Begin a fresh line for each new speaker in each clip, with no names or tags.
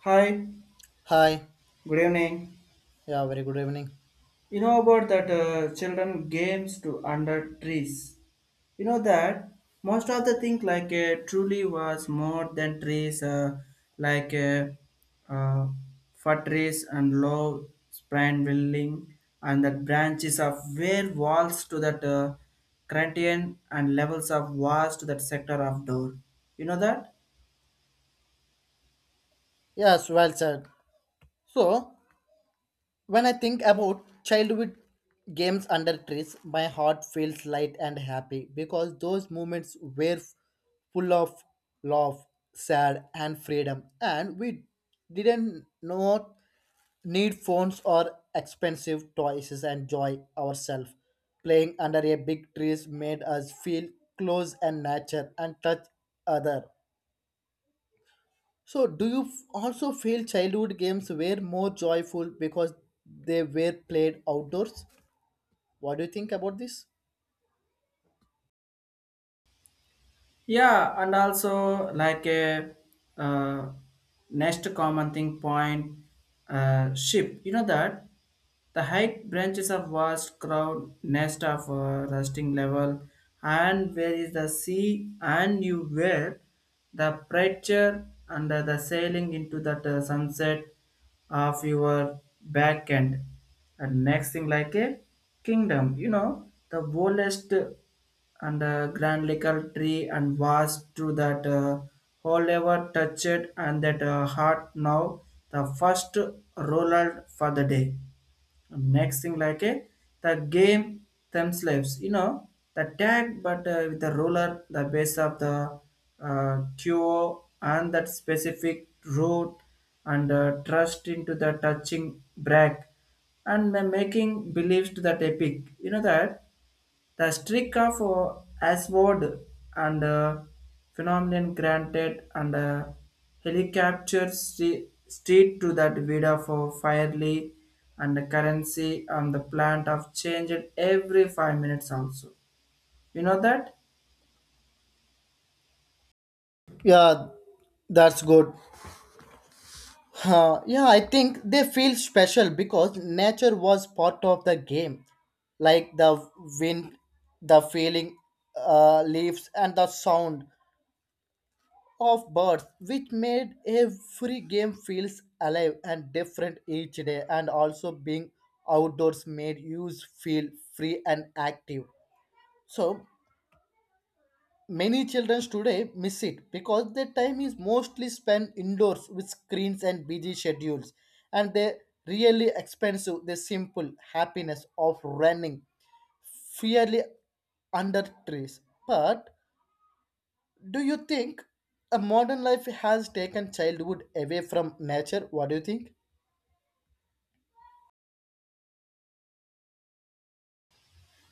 Hi,
Hi.
good evening.
Yeah, very good evening.
You know about that children games to under trees. You know that most of the thing truly was more than trees, like uh, uh, fir trees and low spine building, and that branches of where walls to that Corinthian and levels of walls to that sector of door. You know that?
Yes, well said. So, when I think about childhood games under trees, my heart feels light and happy because those moments were full of love, sad, and freedom, and we didn't not need phones or expensive toys and enjoy ourselves. Playing under a big trees made us feel close and nature and touch other. So, do you also feel childhood games were more joyful because they were played outdoors? What do you think about this?
Yeah, and also like a uh, next common thing point, ship. You know that. The high branches of vast crowd nest of a rusting level, and where is the sea and you were the pressure under the sailing into that sunset of your back end. And next thing like a kingdom, you know, the boldest and the grand liquor tree and vast to that whole ever touched and that heart now, the first roller for the day, next thing like a the game themselves, you know, the tag but with the roller the base of the queue and that specific route, and trust into the touching brake, and making beliefs to that epic, you know that the streak of Ashford, and phenomenon granted, and helicopter street to that vida for firely, and the currency and the plant of changed every 5 minutes also. You know that?
Yeah, that's good. Yeah, I think they feel special because nature was part of the game, like the wind, the feeling, leaves, and the sound of birds, which made every game feels alive and different each day. And also being outdoors made youth feel free and active. So many children today miss it because their time is mostly spent indoors with screens and busy schedules, and they really expensive the simple happiness of running fairly under trees. But do you think a modern life has taken childhood away from nature? What do you think?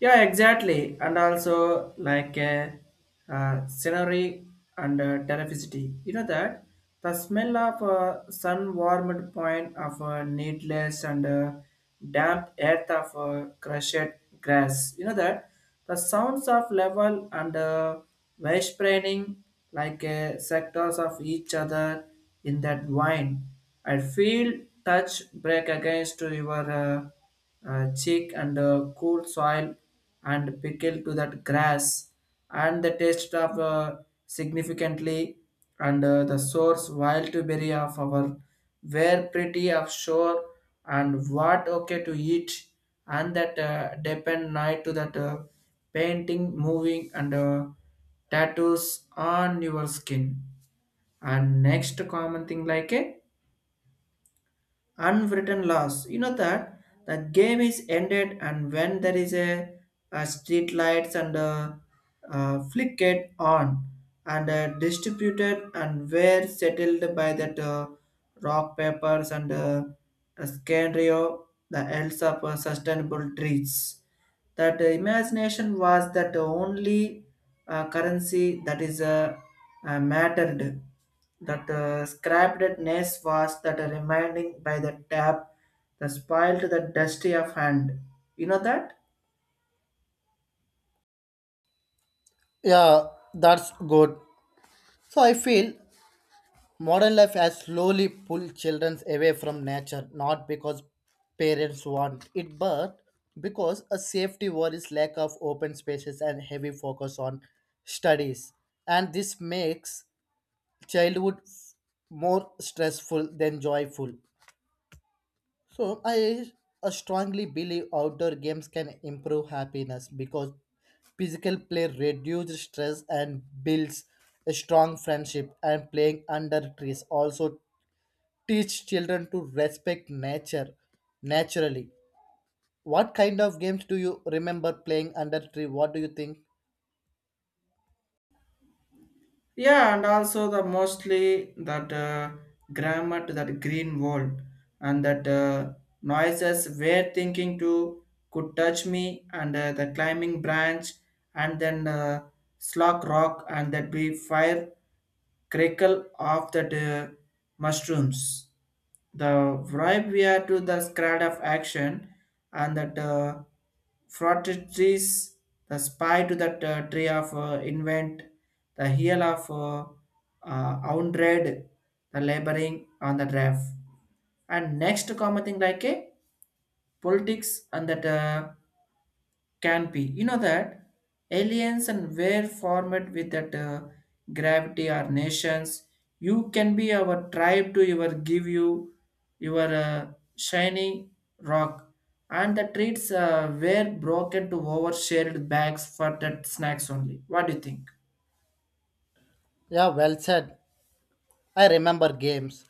Yeah, exactly. And also like a scenery, and telephysicity. You know that the smell of sun warmed point of needless, and damp earth of crushed grass. You know that the sounds of level, and spraying sectors of each other in that wine. I feel touch break against to your cheek, and cool soil and pickle to that grass, and the taste of significantly, and the source wild to berry of our were pretty of shore, and what okay to eat, and that depend night to that painting moving, and tattoos on your skin, and next common thing like a unwritten laws. You know that the game is ended, and when there is a street lights, and flickered on, and distributed and were settled by that rock papers, and a scenario the else of sustainable trees, that imagination was that only currency that is mattered, that scrappedness was that reminding by the tap, the spoiled, the dusty of hand, you know that.
Yeah, that's good. So I feel modern life has slowly pulled children away from nature, not because parents want it, but because a safety worries, lack of open spaces, and heavy focus on studies. And this makes childhood more stressful than joyful. So I strongly believe outdoor games can improve happiness because physical play reduces stress and builds a strong friendship, and playing under trees also teach children to respect nature naturally. What kind of games do you remember playing under tree? What do you think?
Yeah, and also the mostly that grammar to that green world, and that noises were thinking to could touch me, and the climbing branch, and then slog rock and that be fire crackle of that mushrooms. The vibe we are to the scrad of action, and that frotted trees, the spy to that tree of invent, the heel of Oundred, the laboring on the draft. And next common thing like a politics and that can be. You know that aliens and were formed with that gravity or nations. You can be our tribe to your give you your shiny rock, and the treats were broken to overshared bags for that snacks only. What do you think?
Yeah, well said. I remember games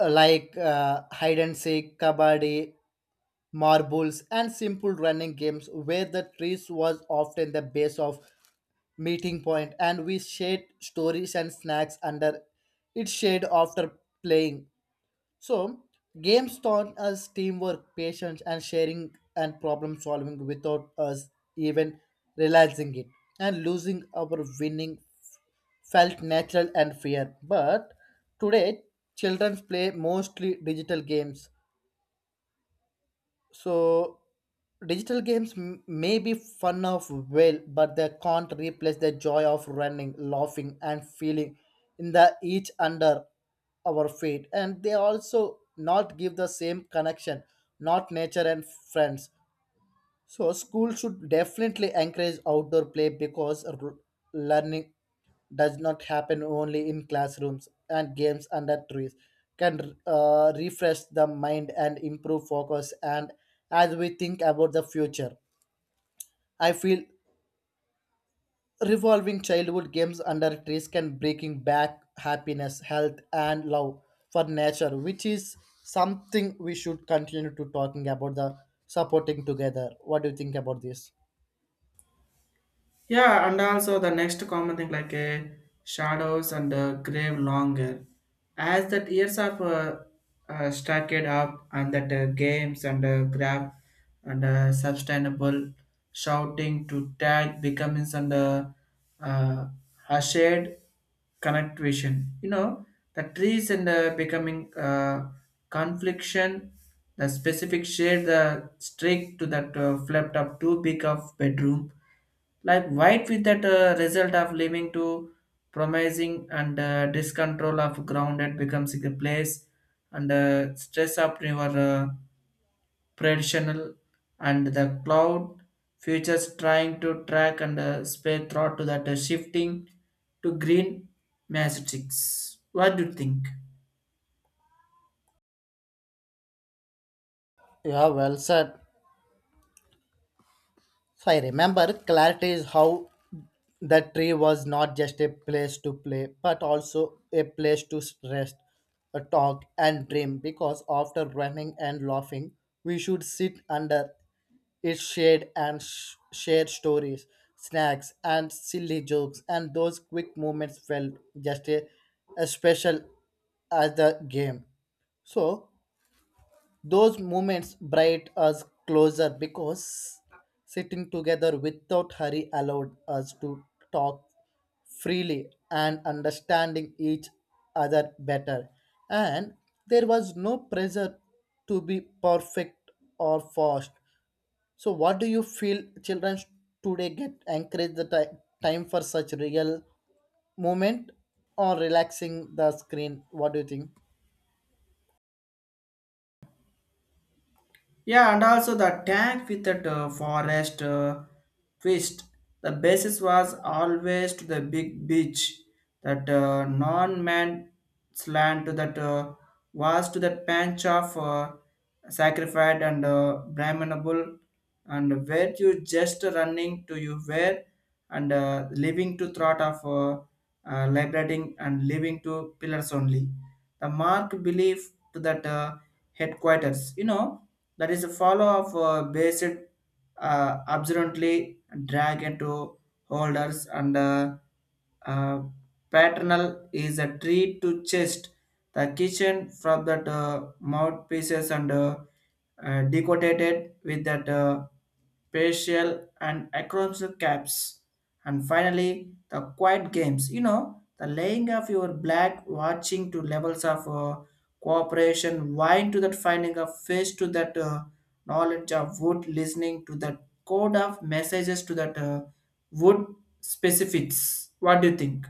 like hide and seek, kabaddi, marbles, and simple running games where the trees was often the base of meeting point, and we shared stories and snacks under its shade after playing. So games taught us teamwork, patience and sharing and problem solving without us even realizing it, and losing our winning felt natural and fair. But today, children play mostly digital games, so digital games may be fun of well, but they can't replace the joy of running, laughing and feeling in the each under our feet, and they also not give the same connection not nature and friends. So schools should definitely encourage outdoor play because learning does not happen only in classrooms, and games under trees can refresh the mind and improve focus. And as we think about the future, I feel revolving childhood games under trees can bringing back happiness, health and love for nature, which is something we should continue to talking about the supporting together. What do you think about this?
Yeah, and also the next common thing shadows, and grave longer. As that years of stacked up and that games, and grab, and sustainable shouting to tag becoming, and uh, hushed connect vision. You know, the trees and becoming confliction, the specific shade, the streak to that flipped up too big of bedroom like white with that result of leaving to promising, and discontrol of ground that becomes a place, and stress up your predictional and the cloud futures trying to track, and spare thought to that shifting to green mathematics. What do you think?
Yeah, well said. So I remember clarity is how the tree was not just a place to play, but also a place to rest, talk, and dream. Because after running and laughing, we should sit under its shade and share stories, snacks, and silly jokes. And those quick moments felt just a, as special as the game. So those moments brought us closer because sitting together without hurry allowed us to talk freely and understanding each other better. And there was no pressure to be perfect or fast. So, what do you feel children today get encourage the time for such real moment or relaxing the screen? What do you think?
Yeah, and also the tank with that forest twist. The basis was always to the big beach. That non-man slant to that was to that pinch of sacrificed, and brahmanable, and where you just running to you where, and living to thought of liberating and living to pillars only. The mark belief to that headquarters. You know that is a follow of based observantly drag into holders, and uh, paternal is a tree to chest the kitchen from that mouthpieces, and decorated with that facial and acrobat caps. And finally, the quiet games. You know, the laying of your black watching to levels of cooperation, wine to that finding of fish to that knowledge of wood, listening to that code of messages to that wood specifics. What do you think?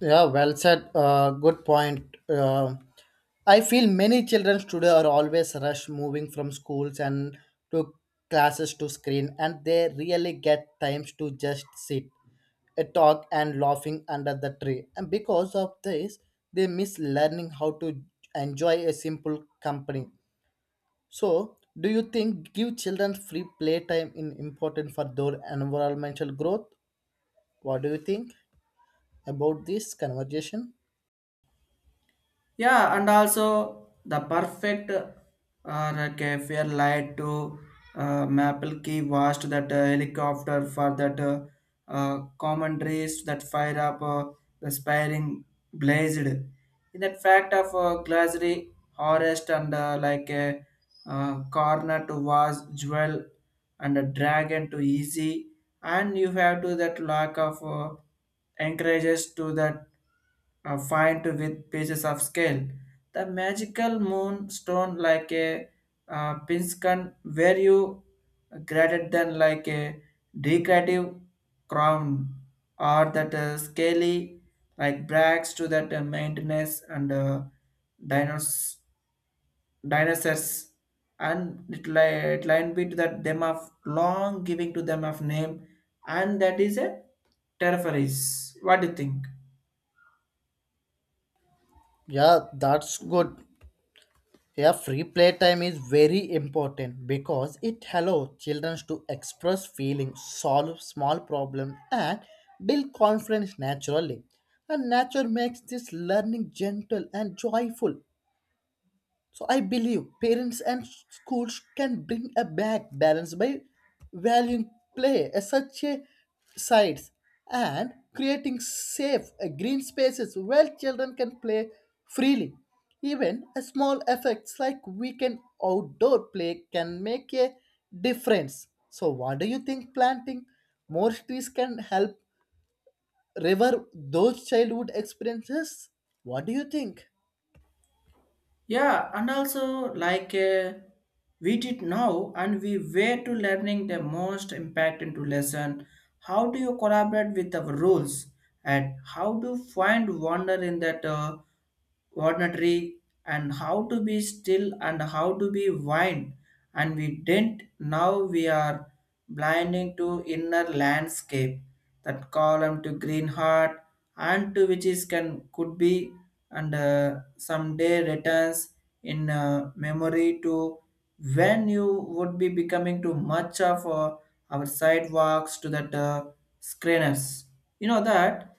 Yeah, well said. Good point. I feel many children today are always rushed moving from schools and to classes to screen, and they really get times to just sit, talk, and laughing under the tree. And because of this, they miss learning how to enjoy a simple company. So, do you think give children free playtime is important for their environmental growth? What do you think about this conversation?
Yeah, and also the perfect like a fair light to maple key watched that helicopter for that commentaries that fire up the spiring blazed in that fact of glassy harvest, and like a corner to vase jewel, and a dragon to easy, and you have to that lack of encourages to that find to with pieces of scale, the magical moonstone like a pinscan where you greater than like a decorative crown, or that scaly like brags to that maintenance, and dinos- dinosaurs, and it, it line bit that them of long giving to them of name, and that is a territories. What do you think?
Yeah, that's good. Yeah, free playtime is very important because it allows children to express feelings, solve small problems, and build confidence naturally. And nature makes this learning gentle and joyful. So I believe parents and schools can bring a back balance by valuing play as such a sites and creating safe green spaces where children can play freely. Even a small effects like weekend outdoor play can make a difference. So what do you think, planting more trees can help revive those childhood experiences? What do you think?
Yeah, and also like we did now, and we were to learning the most impact into lesson. How do you collaborate with our rules, and how to find wonder in that ordinary, and how to be still, and how to be wine, and we didn't. Now we are blinding to inner landscape that column to green heart, and to which is can could be, and someday returns in memory to when you would be becoming too much of our sidewalks to that screeners, you know that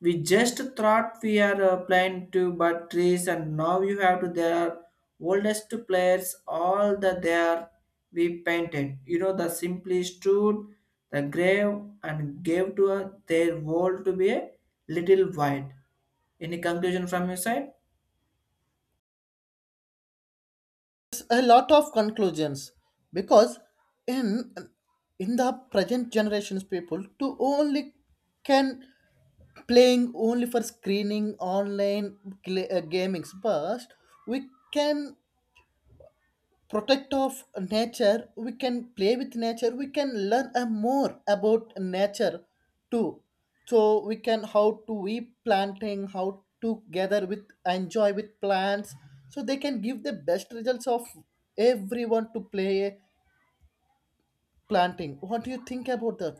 we just thought we are playing to but trees, and now you have to their oldest players, all the there we painted. You know, the simply stood the grave and gave to their world to be a little wide. Any conclusion from your side?
A lot of conclusions, because in in the present generations, people to only can playing only for screening online gamings, but we can protect of nature, we can play with nature, we can learn a more about nature too. So we can how to we planting, how to gather with enjoy with plants, so they can give the best results of everyone to play planting. What do you think about that?